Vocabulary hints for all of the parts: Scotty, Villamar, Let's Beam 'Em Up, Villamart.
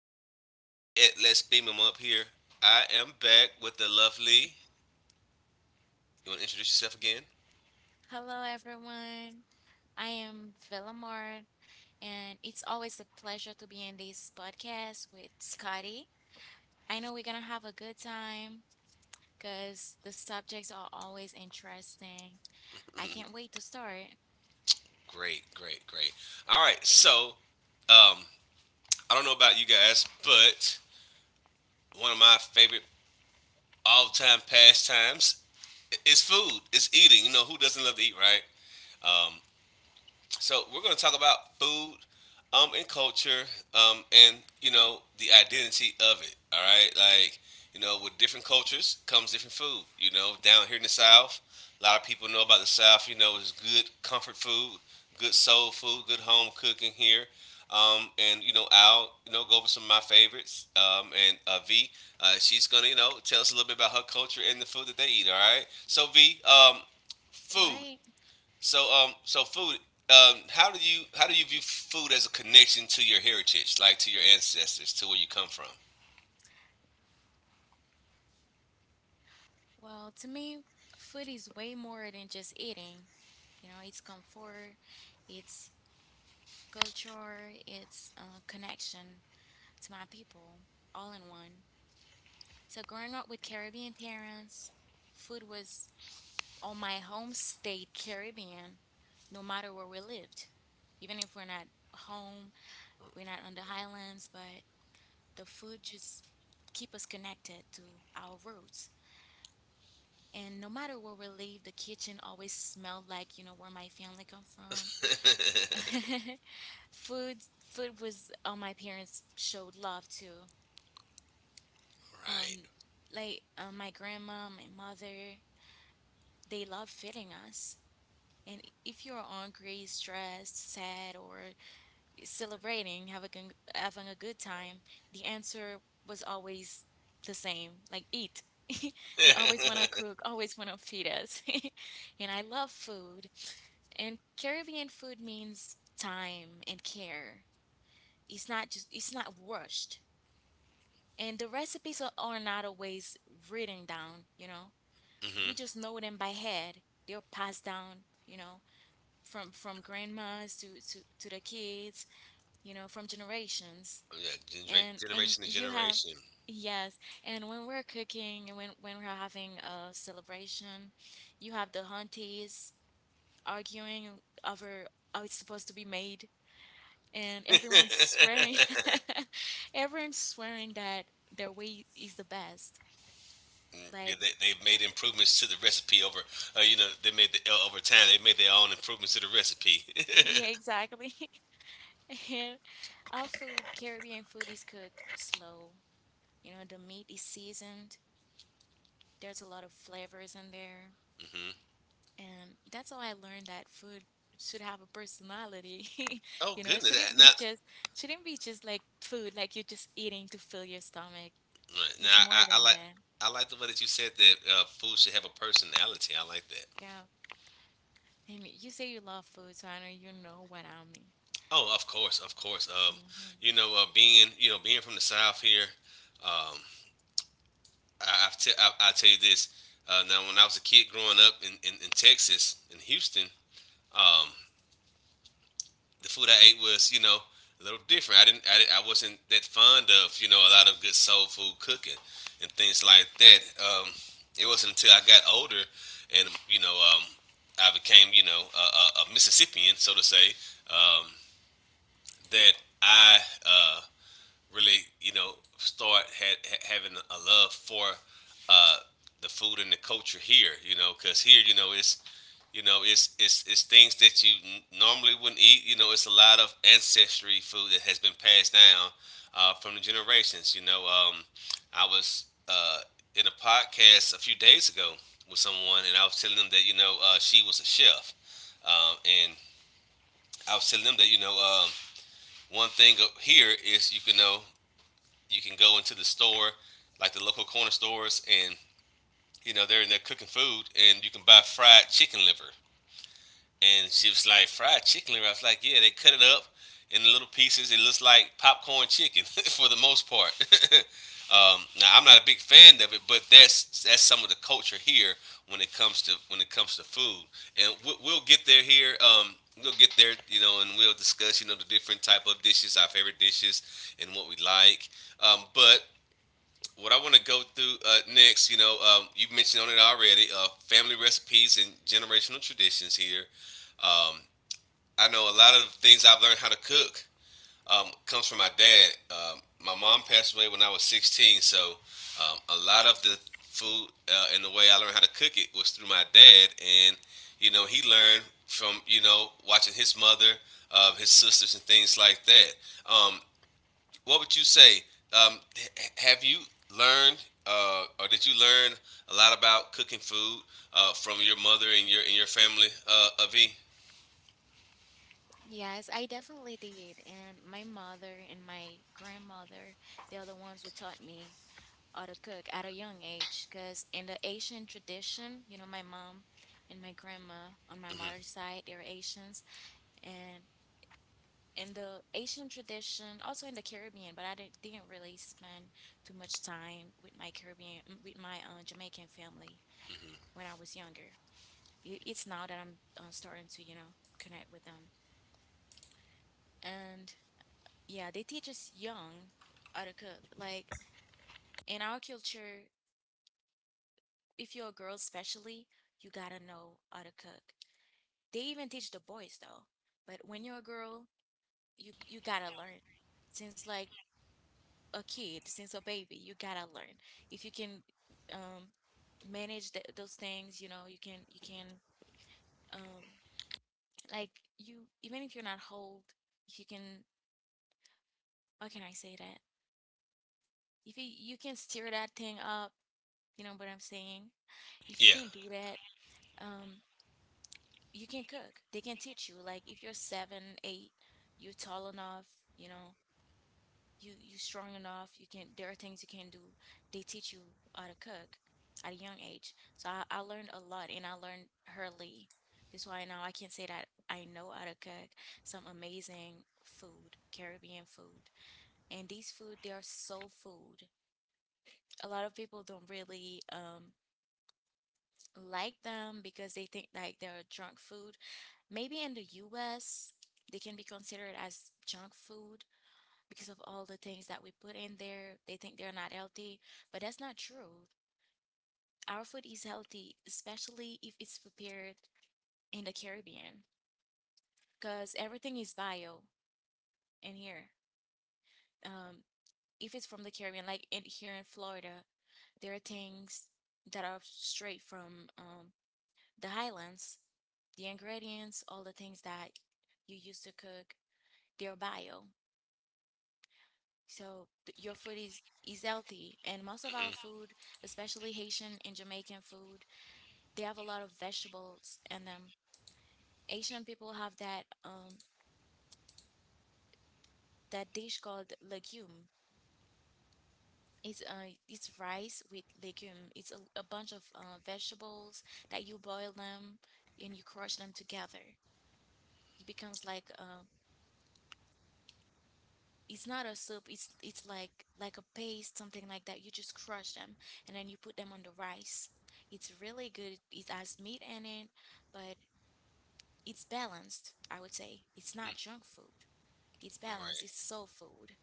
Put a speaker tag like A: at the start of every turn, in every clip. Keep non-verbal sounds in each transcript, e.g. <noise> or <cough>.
A: This is Scotty at Let's Beam 'Em Up here. I am back with the lovely. You want to introduce yourself again?
B: Hello, everyone. I am Villamar, and it's always a pleasure to be in this podcast with Scotty. I know we're going to have a good time because the subjects are always interesting. I can't wait to start.
A: Great, great, great. All right, so um, I don't know about you guys, but one of my favorite all-time pastimes is food. It's eating. You know who doesn't love to eat, right? Um, So we're going to talk about food, and culture, and you know the identity of it. All right, like you know, with different cultures comes different food. You know, down here in the South, a lot of people know about the South. You know, it's good comfort food, good soul food, good home cooking here. And you know, I'll go over some of my favorites. And V, she's gonna tell us a little bit about her culture and the food that they eat. All right. So V, food.
B: Right?
A: So food. How do you how do you view food as a connection to your heritage, like to your ancestors, to where you come from?
B: Well, to me, food is way more than just eating. You know, it's comfort, it's culture, it's connection to my people, all in one. So growing up with Caribbean parents, food was on my home state Caribbean, no matter where we lived. Even if we're not home, we're not on the highlands, but the food just keep us connected to our roots. And no matter where we live, the kitchen always smelled like, you know, where my family come from. <laughs> Food food was all my parents showed love to. Um,
A: Right.
B: like my grandma, my mother, they love fitting us. And if you're angry, stressed, sad, or celebrating, having a, having a good time, the answer was always the same like, eat. <laughs> They always want to
A: <laughs>
B: cook, always want to feed us. <laughs> And I love food. And Caribbean food means time and care. It's not just, it's not rushed. And the recipes are not always written down, you know?
A: Hmm.
B: We just know them by head. They're passed down, you know? from grandmas to the kids, you know, from generations.
A: Yeah,
B: And
A: generation to
B: you have,
A: generation.
B: yes, and when we're cooking and when we're having a celebration, you have the aunties arguing over how it's supposed to be made, and everyone's swearing. <laughs> Everyone's swearing that their way is the best,
A: Mm. Yeah,
B: like.
A: they've made improvements to the recipe over, you know, they made the over time. They made their own improvements to the recipe. <laughs>
B: Yeah, exactly. <laughs> And our food, Caribbean food is cooked slow. You know, the meat is seasoned. There's a lot of flavors in there.
A: Hmm.
B: And that's how I learned that food should have a personality. <laughs>
A: Oh
B: You know, it
A: goodness!
B: shouldn't
A: Now,
B: be just like food, like you're just eating to fill your stomach.
A: right,
B: It's
A: now
B: more
A: I
B: than
A: like.
B: that.
A: I like the way that you said that food should have a personality. I like.
B: Yeah. And you say you love food, so I know you know what I
A: Oh, of course, of course.
B: mean.
A: You know, being being from the South here, um, I, I've te- I tell you this. Now, when I was a kid growing up in Texas, in Houston, um, the food I ate was a little different. I wasn't that fond of a lot of good soul food cooking and things like that. Um, it wasn't until I got older and um, I became a Mississippian, so to say, um, that I uh, really, you know, having a love for uh, the food and the culture here. You know, because here, you know, it's things that you normally wouldn't eat. You know, it's a lot of ancestry food that has been passed down from the generations. You know, I was in a podcast a few days ago with someone, and I was telling them that you know she was a chef, and I was telling them that you know one thing up here is you can go into the store, like the local corner stores, and you know they're in there cooking food, and you can buy fried chicken liver. And she was like, "Fried chicken liver." I was like, "Yeah, they cut it up in little pieces. It looks like popcorn chicken <laughs> for the most part." <laughs> Now, I'm not a big fan of it, but that's some of the culture here when it comes to when it comes to food, and we'll get there here. We'll get there, you know, and we'll discuss, you know, the different type of dishes, our favorite dishes, and what we like. But what I want to go through next, you know, you mentioned on it already, family recipes and generational traditions here. Um, I know a lot of things I've learned how to cook comes from my dad. My mom passed away when I was 16, so a lot of the food and the way I learned how to cook it was through my dad, and you know, he learned from watching his mother, his sisters, and things like that. Um, what would you say? Um, have you learned, or did you learn a lot about cooking food from your mother and your family, Avi?
B: Yes, I definitely did. And my mother and my grandmother, they're the ones who taught me how to cook at a young age. Because in the Asian tradition, you know, my mom and my grandma on my
A: Mm-hmm.
B: mother's side, they're Asians. And in the Asian tradition, also in the Caribbean, but I didn't really spend too much time with my Caribbean, mm, with my Jamaican family when I was younger. It's now that I'm starting to, you know, connect with them. And yeah, they teach us young how to cook. Like in our culture, if you're a girl especially, you gotta know how to cook. They even teach the boys though. But when you're a girl, you gotta learn. Since like a kid, since a baby, you gotta learn. If you can um manage th those things, you know, you can um like you, even if you're not hold, if you can, how can I say that? If you you can steer that thing up, you know what I'm saying? If you
A: Yeah.
B: can't do that, um, you can cook. They can teach you. Like if you're seven, eight, you're tall enough, you know, you strong enough. You can. There are things you can do. They teach you how to cook at a young age. So I learned a lot, and I learned early. That's why now I can say that I know how to cook some amazing food, Caribbean food. And these food, they are soul food. A lot of people don't really like them because they think like they're junk food. Maybe in the US, they can be considered as junk food because of all the things that we put in there. They think they're not healthy, but that's not true. Our food is healthy, especially if it's prepared in the Caribbean because everything is bio in here. Um, if it's from the Caribbean, like in here in Florida, there are things that are straight from the highlands, the ingredients, all the things that you use to cook, they're bio. So your food is healthy, and most of our
A: Mm-hmm.
B: food, especially Haitian and Jamaican food, they have a lot of vegetables in them. Asian people have that dish called legume. It's rice with legume. It's a bunch of vegetables that you boil them and you crush them together. It becomes like it's not a soup, it's it's like a paste, something like that. You just crush them and then you put them on the rice. It's really good. It has meat in it, but it's balanced. I would say it's not junk food. It's
A: All right.
B: balanced, it's soul food.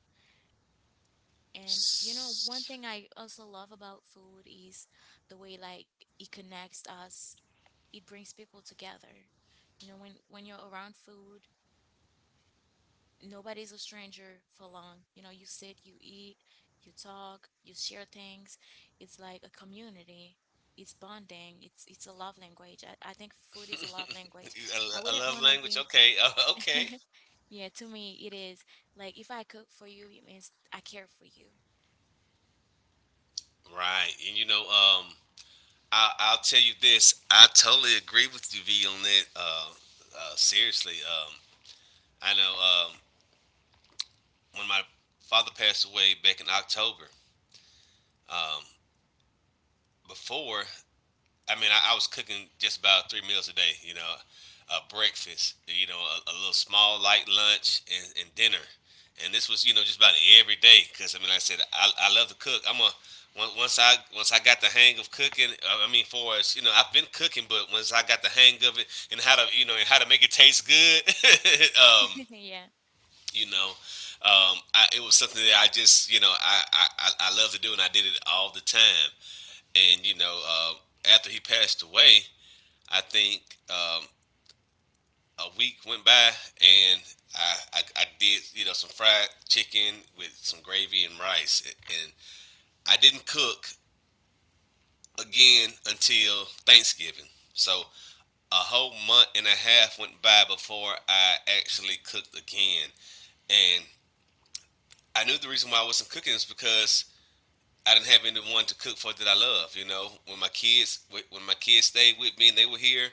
B: And you know one
A: S-
B: thing I also love about food is the way like it connects us, it brings people together. You know, when you're around food, nobody's a stranger for long. You know, you sit, you eat, you talk, you share things. It's like a community. It's bonding. It's a love language. I think food is a love language.
A: A,
B: I
A: a
B: wouldn't
A: love
B: want to
A: language.
B: be.
A: Okay. <laughs>
B: <laughs>
A: Okay.
B: Yeah, to me it is. Like if I cook for you, it means I care for you.
A: Right. And you know, I'll tell you this. I totally agree with you, V, on that. Seriously. I know when my father passed away back in October, um, before I mean, I was cooking just about three meals a day. You know, a breakfast, you know, a little small light lunch, and dinner. And this was, you know, just about every day because I mean, like I said I love to cook. Once I got the hang of cooking, I mean, for us, you know, I've been cooking, but once I got the hang of it and how to, you know, and how to make it taste good, <laughs> um,
B: <laughs> Yeah.
A: you know, I, it was something that I just, you know, I love to do, and I did it all the time. And you know, after he passed away, I think um, a week went by and I did you know some fried chicken with some gravy and rice, and I didn't cook again until Thanksgiving. So a whole month and a half went by before I actually cooked again, and I knew the reason why I wasn't cooking is because I didn't have anyone to cook for that I love. You know, when my kids stayed with me and they were here,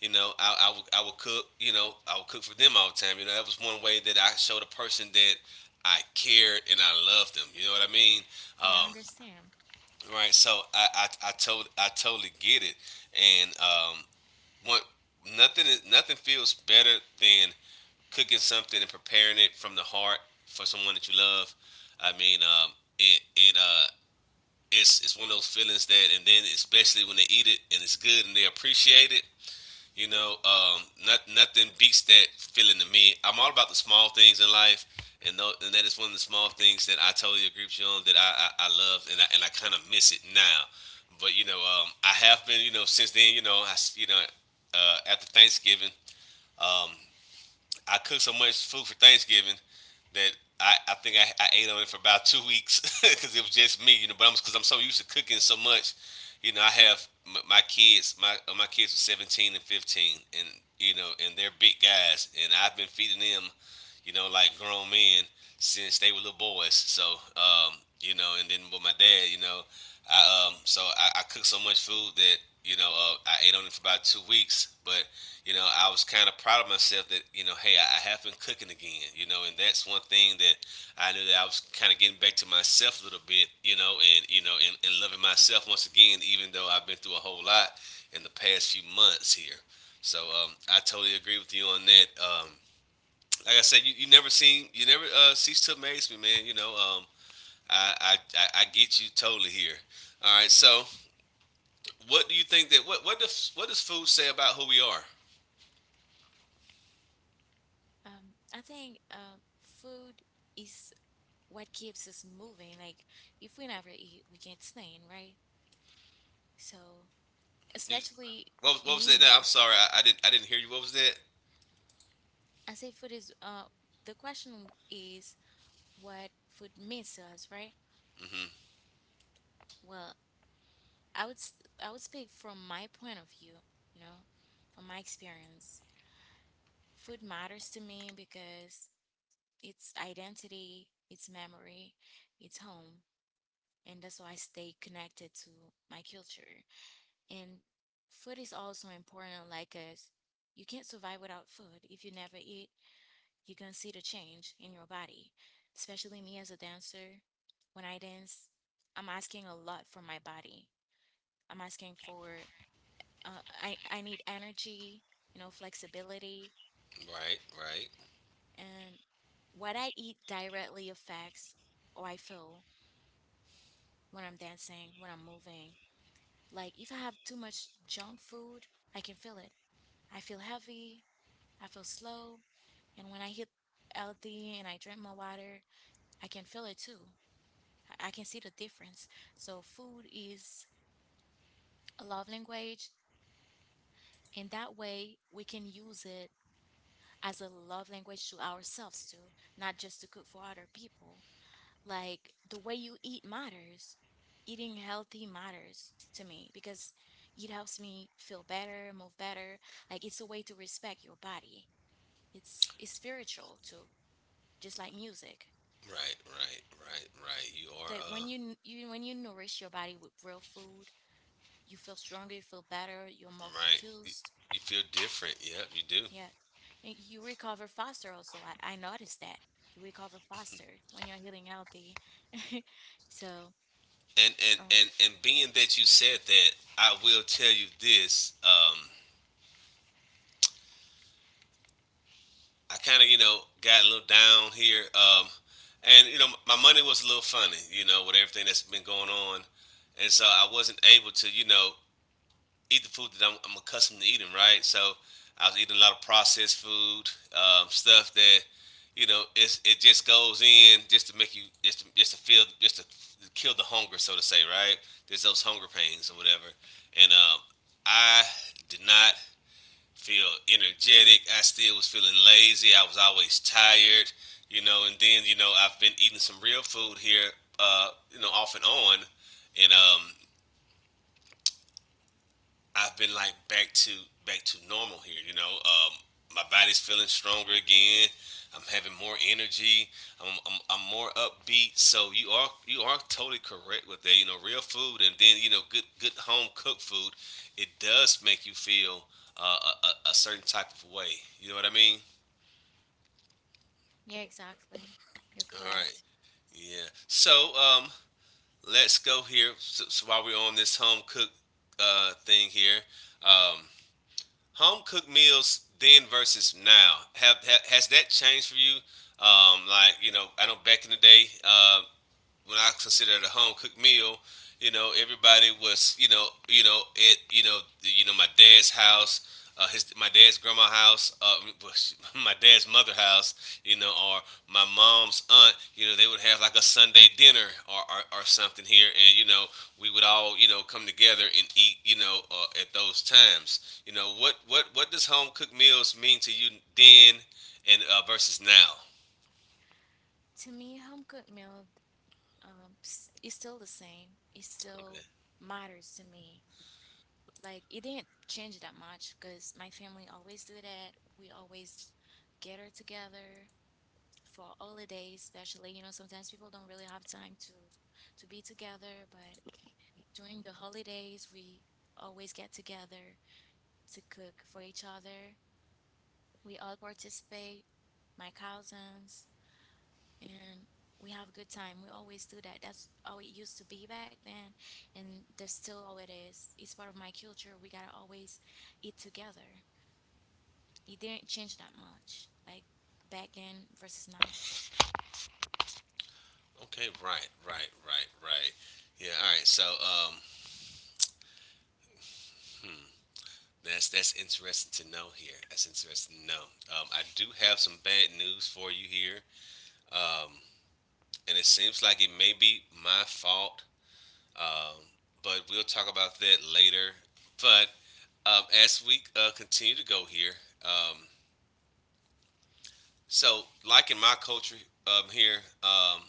A: you know, I would cook. You know, I would cook for them all the time. You know, that was one way that I showed a person that I cared and I loved them. You know what I mean?
B: Yeah, I
A: Um,
B: understand.
A: right. So I totally get it. And one nothing nothing feels better than cooking something and preparing it from the heart for someone that you love. I mean, it it uh it's one of those feelings that, and then especially when they eat it and it's good and they appreciate it, you know, nothing beats that feeling to me. I'm all about the small things in life, and and that is one of the small things that I totally agree with you on that I love and I kind of miss it now, but you know, I have been, you know, since then, you know, you know, after Thanksgiving. Um, I cooked so much food for Thanksgiving that I think I ate on it for about 2 weeks <laughs> because it was just me, you know. But I'm because I'm so used to cooking so much, you know. I have my kids, my kids are 17 and 15, and you know, and they're big guys, and I've been feeding them, you know, like grown men since they were little boys. So, you know, and then with my dad, you know, I so I cooked so much food that you know I ate on it for about 2 weeks, but you know, I was kind of proud of myself that, you know, hey, I, have been cooking again, you know, and that's one thing that I knew that I was kind of getting back to myself a little bit, you know, and loving myself once again, even though I've been through a whole lot in the past few months here. So I totally agree with you on that. Like I said, you never seen, you never cease to amaze me, man. You know, I get you totally here. All right. So what do you think that, what does food say about who we are?
B: I think food is what keeps us moving. Like if we never eat, we can't stand, right? So,
A: You-
B: especially
A: What was that? No,
B: meat.
A: I'm sorry. I didn't hear you. What was that?
B: I say food is the question is what food means to us, right?
A: Hmm.
B: Well, I would s- I would speak from my point of view, you know, from my experience. Food matters to me because it's identity, it's memory, it's home, and that's why I stay connected to my culture. And food is also important like us. You can't survive without food. If you never eat, you can see the change in your body. Especially me as a dancer, when I dance, I'm asking a lot from my body. I'm asking for I need energy, you know, flexibility,
A: Right, right,
B: and what I eat directly affects how I feel when I'm dancing, when I'm moving. Like if I have too much junk food, I can feel it. I feel heavy, I feel slow, and when I hit healthy and I drink my water, I can feel it too. I can see the difference. So food is a love language, and that way we can use it as a love language to ourselves too, not just to cook for other people. Like the way you eat matters. Eating healthy matters to me because it helps me feel better, move better. Like it's a way to respect your body. It's spiritual too, just like music.
A: right, right, right, right. You are
B: Like when you when you nourish your body with real food, you feel stronger, you feel better, you're more
A: right.
B: focused.
A: You feel different. Yep, you do.
B: Yeah. And you recover faster also. I noticed that. You recover faster when you're eating healthy. <laughs> So,
A: And and
B: um,
A: and and being that you said that, I will tell you this. I kind of you know got a little down here. And you know my money was a little funny. You know with everything that's been going on, and so I wasn't able to you know eat the food that I'm accustomed to eating, right? So I was eating a lot of processed food, stuff that you know it just goes in just to make you just to feel just to kill the hunger, so to say, right? There's those hunger pains or whatever, and I did not feel energetic. I still was feeling lazy. I was always tired, you know. And then you know I've been eating some real food here, you know, off and on, and I've been back to normal here. My body's feeling stronger again. I'm having more energy. I'm more upbeat. So you are totally correct with that. You know, real food, and then you know good home cooked food, it does make you feel a certain type of way. You know what I mean?
B: yeah, exactly. You're
A: All right.
B: correct.
A: Yeah. Let's go here. So while we're on this home cook thing here, um, home cooked meals then versus now, have, ha has that changed for you? Like you know, I know back in the day, when I considered a home cooked meal, you know, everybody was, you know, at you know, my dad's house, his my dad's grandma house, <laughs> my dad's mother house, you know, or my mom's aunt, you know, they would have like a Sunday dinner or something here, and you know, we would all, you know, come together and eat, you know, at those times. You know, what does home cooked meals mean to you then and versus now?
B: To me, home cooked meal is still the same. It
A: Okay.
B: still matters to me. Like it didn't change that much because my family always do that. We always gather together for holidays, especially. You know, sometimes people don't really have time to be together, but during the holidays, we always get together to cook for each other. We all participate, my cousins, and we have a good time. We always do that. That's how it used to be back then, and that's still how it is. It's part of my culture. We gotta always eat together. It didn't change that much, like back then versus now.
A: Okay, right, right, right, right. Yeah, all right. So, hmm, that's interesting to know here. That's interesting to know. I do have some bad news for you here. Um, and it seems like it may be my fault. Um, but we'll talk about that later. But as we continue to go here, um, so like in my culture here,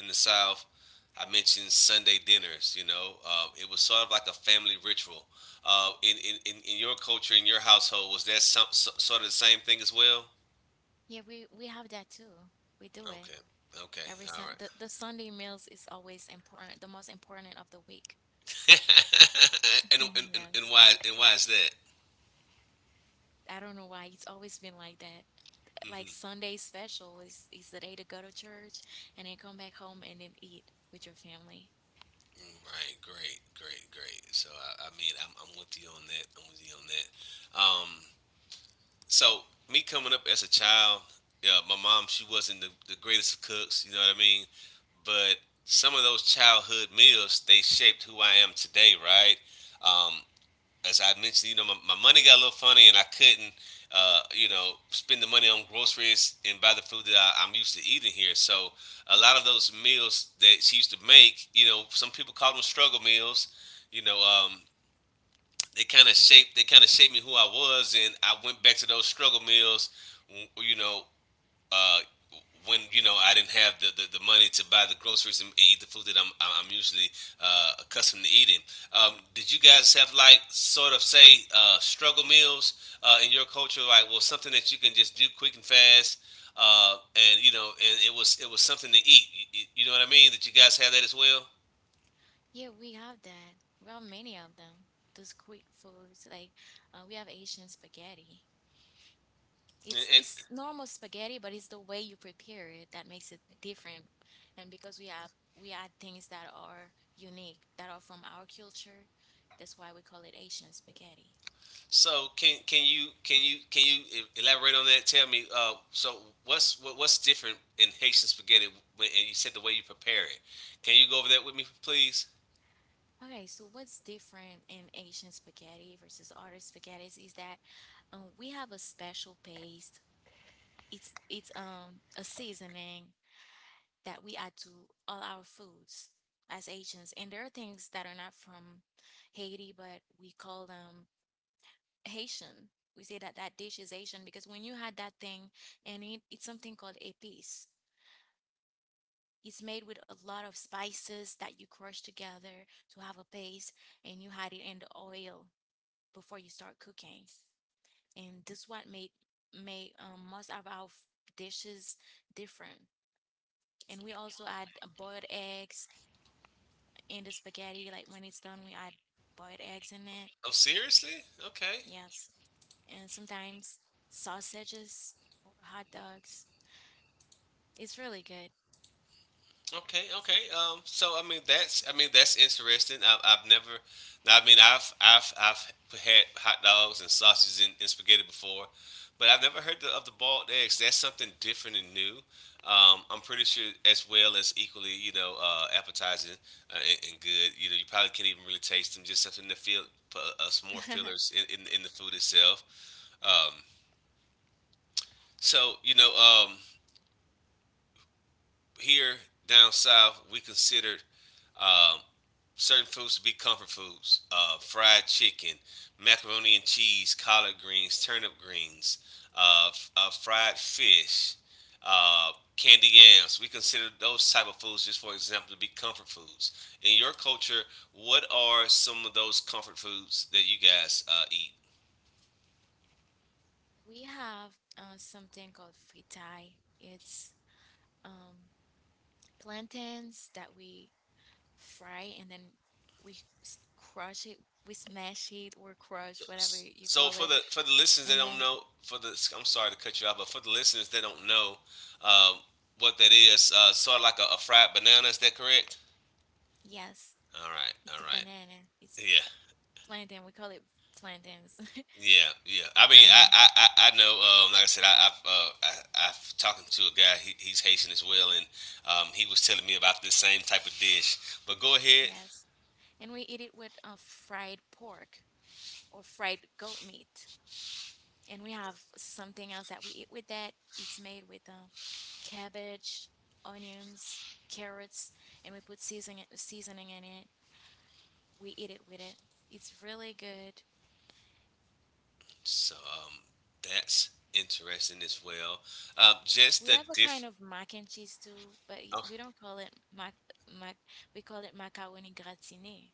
A: in the South, I mentioned Sunday dinners. You know, it was sort of like a family ritual. In your culture, in your household, was that sort of the same thing as well?
B: Yeah, we have that too. We do it
A: Okay, okay,
B: every
A: all
B: Sun.
A: right.
B: The Sunday meals is always important, the most important of the week.
A: <laughs>
B: <laughs>
A: And
B: Yes,
A: why is that?
B: I don't know why it's always been like that. Like
A: Hmm.
B: Sunday special is the day to go to church and then come back home and then eat with your family.
A: Right, great, great, great. So I mean, I'm with you on that. I'm with you on that. So me coming up as a child, yeah, my mom, she wasn't the greatest of cooks. You know what I mean? But some of those childhood meals, they shaped who I am today, right? Um, as I mentioned, you know, my money got a little funny, and I couldn't, you know, spend the money on groceries and buy the food that I'm used to eating here. So a lot of those meals that she used to make, you know, some people call them struggle meals. You know, um, they kind of shaped, me who I was, and I went back to those struggle meals, you know, uh, when you know I didn't have the money to buy the groceries and eat the food that I'm usually accustomed to eating. Did you guys have like sort of say struggle meals in your culture? Like, well, something that you can just do quick and fast, and you know, and it was something to eat. You know what I mean? Did you guys have that as well?
B: Yeah, we have that. We have many of them. Those quick foods, like we have Asian spaghetti.
A: And
B: It's normal spaghetti, but it's the way you prepare it that makes it different. And because we add things that are unique, that are from our culture, that's why we call it Asian spaghetti.
A: So can you elaborate on that? Tell me. So what's different in Haitian spaghetti? When, and you said the way you prepare it. Can you go over that with me, please?
B: Okay, so what's different in Asian spaghetti versus other spaghetti is that we have a special paste. It's a seasoning that we add to all our foods as Asians, and there are things that are not from Haiti, but we call them Haitian. We say that that dish is Asian because when you had that thing, and it's something called a piece. It's made with a lot of spices that you crush together to have a paste, and you had it in the oil before you start cooking. And this what made most of our dishes different. And we also add boiled eggs in the spaghetti. Like when it's done, we add boiled eggs in it.
A: Oh, seriously? Okay.
B: Yes, and sometimes sausages or hot dogs. It's really good.
A: Okay, okay. So I mean that's, I mean that's interesting. I've never, now, I mean, I've had hot dogs and sausages and spaghetti before, but I've never heard of the boiled eggs. That's something different and new. I'm pretty sure as well as equally you know appetizing and good. You know, you probably can't even really taste them. Just something to feel some more
B: <laughs>
A: fillers in the food itself. Um, so you know um, here down south we considered um, certain foods to be comfort foods: fried chicken, macaroni and cheese, collard greens, turnip greens, fried fish, uh, candy yams. We consider those type of foods, just for example, to be comfort foods. In your culture, what are some of those comfort foods that you guys eat?
B: We have something called fritai. It's um, plantains that we fry and then we crush it, we smash it or crush, whatever you call it.
A: For the listeners that
B: And
A: don't
B: then,
A: know, for the I'm sorry to cut you off, but for the listeners that don't know, um, what that is, sort of like a fried banana. Is that correct?
B: yes,
A: All right,
B: it's
A: all
B: a
A: right.
B: banana. It's
A: Yeah,
B: plantain. We call it plantains. <laughs>
A: yeah. I mean,
B: Um,
A: I know. Like I said, I've talking to a guy. He's Haitian as well, and he was telling me about this same type of dish. But go ahead.
B: yes. And we eat it with fried pork or fried goat meat. And we have something else that we eat with that. It's made with cabbage, onions, carrots, and we put seasoning in it. We eat it with it. It's really good.
A: So that's interesting as well. Just
B: We
A: the
B: have a
A: diff.
B: kind of mac and cheese too, but
A: Oh,
B: we don't call it mac mac. We call it macaroni gratiné.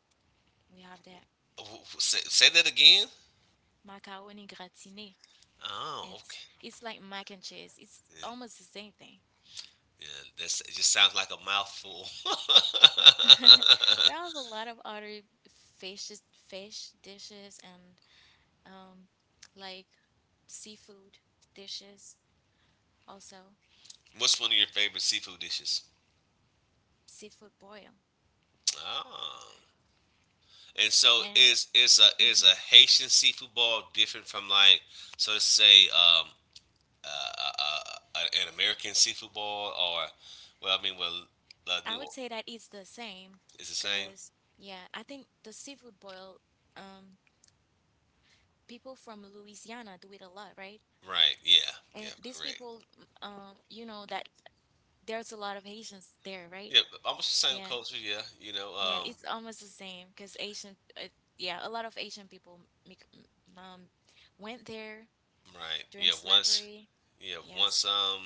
B: We have that
A: say that again.
B: macaroni gratiné.
A: Oh, okay.
B: It's like mac and cheese. It's
A: Yeah,
B: almost the same thing.
A: yeah. That's it. Just sounds like a mouthful.
B: <laughs>
A: <laughs>
B: We have a lot of other fish fish dishes, and um, like seafood dishes, also
A: What's one of your favorite seafood dishes?
B: seafood boil.
A: Oh. And so
B: And mhm.
A: is a Haitian seafood ball different from, like, so to say, uh, uh, an American seafood ball, or, well I mean, well, La New
B: I would
A: Orleans
B: say that it's the same
A: is the same,
B: because, yeah, I think the seafood boil, um, people from Louisiana do it a lot, right?
A: right? Yeah,
B: And
A: yeah,
B: these
A: correct.
B: people, you know that there's a lot of Haitians there, right?
A: Yeah, but almost the same
B: Yeah,
A: culture, yeah, you know,
B: yeah, it's almost the same because Asian, yeah, a lot of Asian people make, um, went there
A: right,
B: during
A: yeah, once,
B: slavery.
A: yeah,
B: Yes.
A: once, um,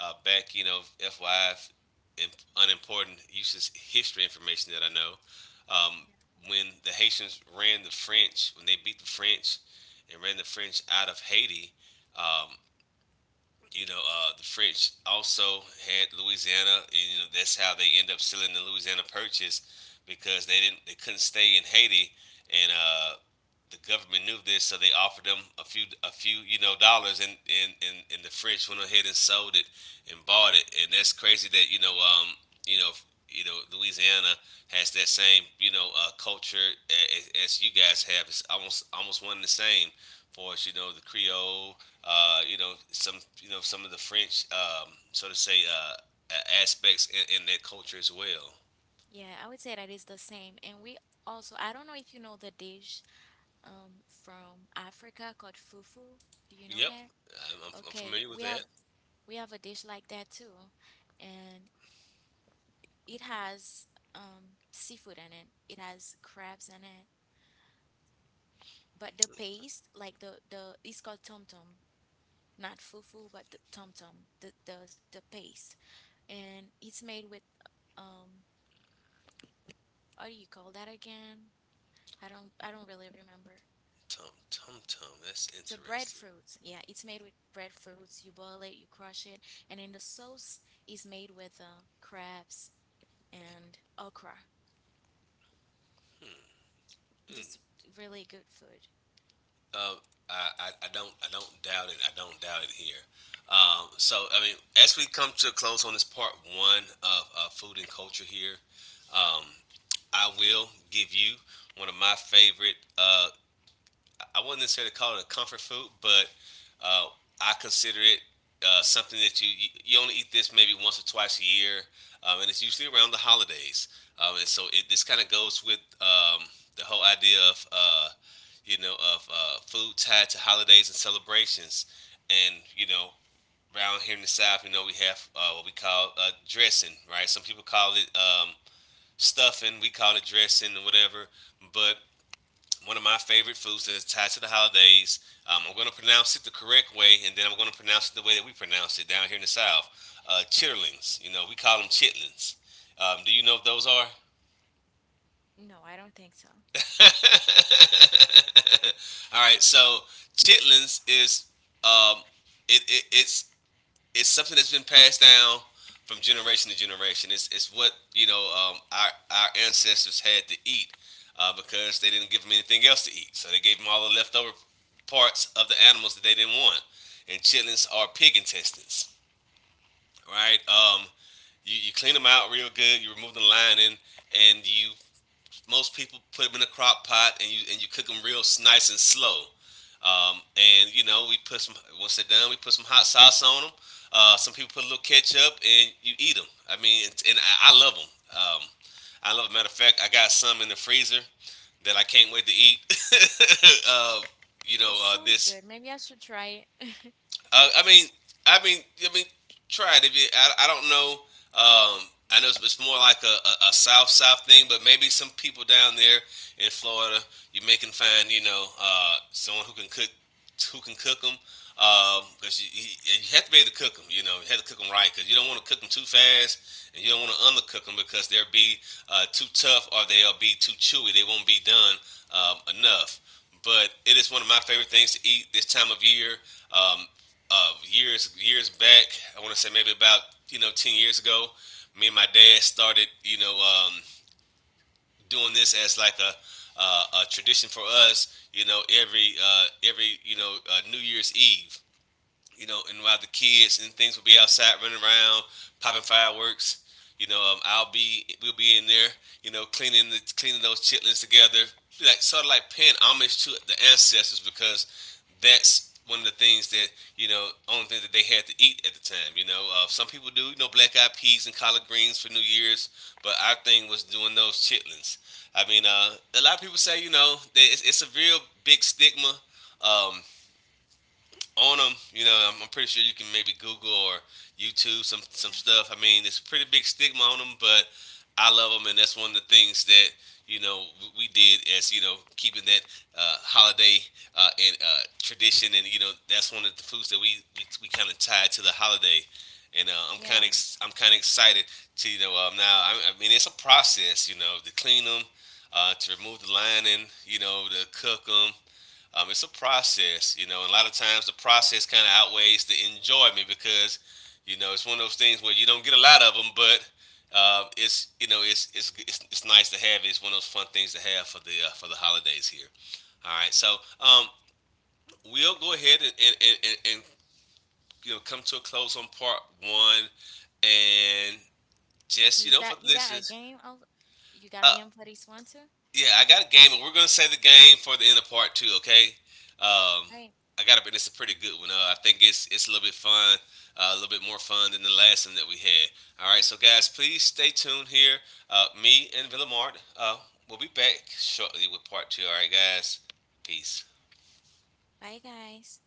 A: back, you know, FYI, unimportant useless history information that I know. Um, when the Haitians ran the French, when they beat the French and ran the French out of Haiti, um, you know, the French also had Louisiana, and you know that's how they end up selling the Louisiana Purchase, because they didn't, they couldn't stay in Haiti, and the government knew this, so they offered them a few, you know, dollars, and the French went ahead and sold it and bought it. And that's crazy that you know, you know, you know, Louisiana has that same, you know, culture as you guys have. It's almost, almost one and the same for us, you know, the Creole, you know some, you know some of the French, so to say,
B: Yes.
A: aspects in their culture as well.
B: Yeah, I would say that is the same. And we also, I don't know if you know the dish from Africa called fufu. Do you know
A: Yep,
B: that?
A: I'm
B: Okay,
A: familiar with that.
B: we have a dish like that too. And it has seafood in it. It has crabs in it. But the paste, like the it's called tom tom, not fufu, but the tom tom, the paste. And it's made with um what do you call that again? I don't really remember.
A: Tum tum tum. That's
B: The
A: interesting.
B: breadfruit, yeah, it's made with breadfruits. You boil it, you crush it, and then the sauce is made with crabs and okra.
A: Mm.
B: Just really good food.
A: Uh, I don't, I don't doubt it. I don't doubt it here. So I mean, as we come to a close on this part one of food and culture here, um, I will give you one of my favorite I wouldn't necessarily call it a comfort food, but uh, I consider it something that you only eat this maybe once or twice a year, and it's usually around the holidays. And so it, this kind of goes with the whole idea of you know, of food tied to holidays and celebrations. And you know, around here in the South, you know, we have what we call dressing, right? Some people call it stuffing, we call it dressing or whatever. But one of my favorite foods that is tied to the holidays. I'm going to pronounce it the correct way, and then I'm going to pronounce it the way that we pronounce it down here in the South. Chitterlings. You know, we call them chitlins. Do you know what those are? <laughs>
B: No, I don't think so.
A: All right. So chitlins is um, it, it, it's it's something that's been passed down from generation to generation. It's what you know our ancestors had to eat because they didn't give them anything else to eat, so they gave them all the leftover parts of the animals that they didn't want. And chitlins are pig intestines, right? You clean them out real good. You remove the lining, and you, most people put them in a crock pot, and you cook them real nice and slow. And you know, we put some, once they're done, we put some hot sauce on them. Some people put a little ketchup and you eat them. I mean, and I love them. I love. Matter of fact, I got some in the freezer that I can't wait to eat. <laughs> uh,
B: But
A: you know,
B: sounds good.
A: this
B: Maybe I should try it.
A: I mean, I mean, I mean, try it. If you, I don't know. I know it's more like a south thing, but maybe some people down there in Florida, you may can find, you know, someone who can cook, who can cook them because you have to be able to cook them. You know, you have to cook them right, because you don't want to cook them too fast, and you don't want to undercook them, because they'll be too tough, or they'll be too chewy. They won't be done enough. But it is one of my favorite things to eat this time of year. Um, years back, I want to say maybe about you know 10 years ago, me and my dad started you know doing this as like a tradition for us. You know, every every, you know, New Year's Eve, you know, and while the kids and things will be outside running around, popping fireworks. You know, I'll be we'll be in there, you know, cleaning the cleaning those chitlins together, like sort of like paying homage to the ancestors, because that's one of the things that you know, only thing that they had to eat at the time. You know, some people do, you know, black eyed peas and collard greens for New Year's, but our thing was doing those chitlins. I mean, a lot of people say, you know, that it's a real big stigma. Um, on them. You know, I'm pretty sure you can maybe Google or YouTube some
B: Yeah.
A: stuff. I mean, there's a pretty big stigma on them, but I love them, and that's one of the things that you know, we did, as you know, keeping that holiday and tradition. And you know, that's one of the foods that we kind of tied to the holiday. And
B: Yeah.
A: I'm kind of excited to you know now, I mean, it's a process, you know, to clean them, to remove the lining, you know, to cook them, it's a process, you know, and a lot of times the process kind of outweighs the enjoyment, because, you know, it's one of those things where you don't get a lot of them, but it's, you know, it's nice to have. It's one of those fun things to have for the holidays here. All right, so we'll go ahead and you know come to a close on part one, and just you know for
B: You
A: this
B: got a
A: is.
B: game? Oh, you got a
A: Uh,
B: game for this one too?
A: Yeah, I got a game, and we're gonna save the game for the end of part two. Okay. Um,
B: Right.
A: I got it, and it's a pretty good one. I think it's a little bit fun, a little bit more fun than the last one that we had. All right, so guys, please stay tuned here. Me and Villamart, we'll be back shortly with part two. All right, guys. Peace.
B: Bye guys.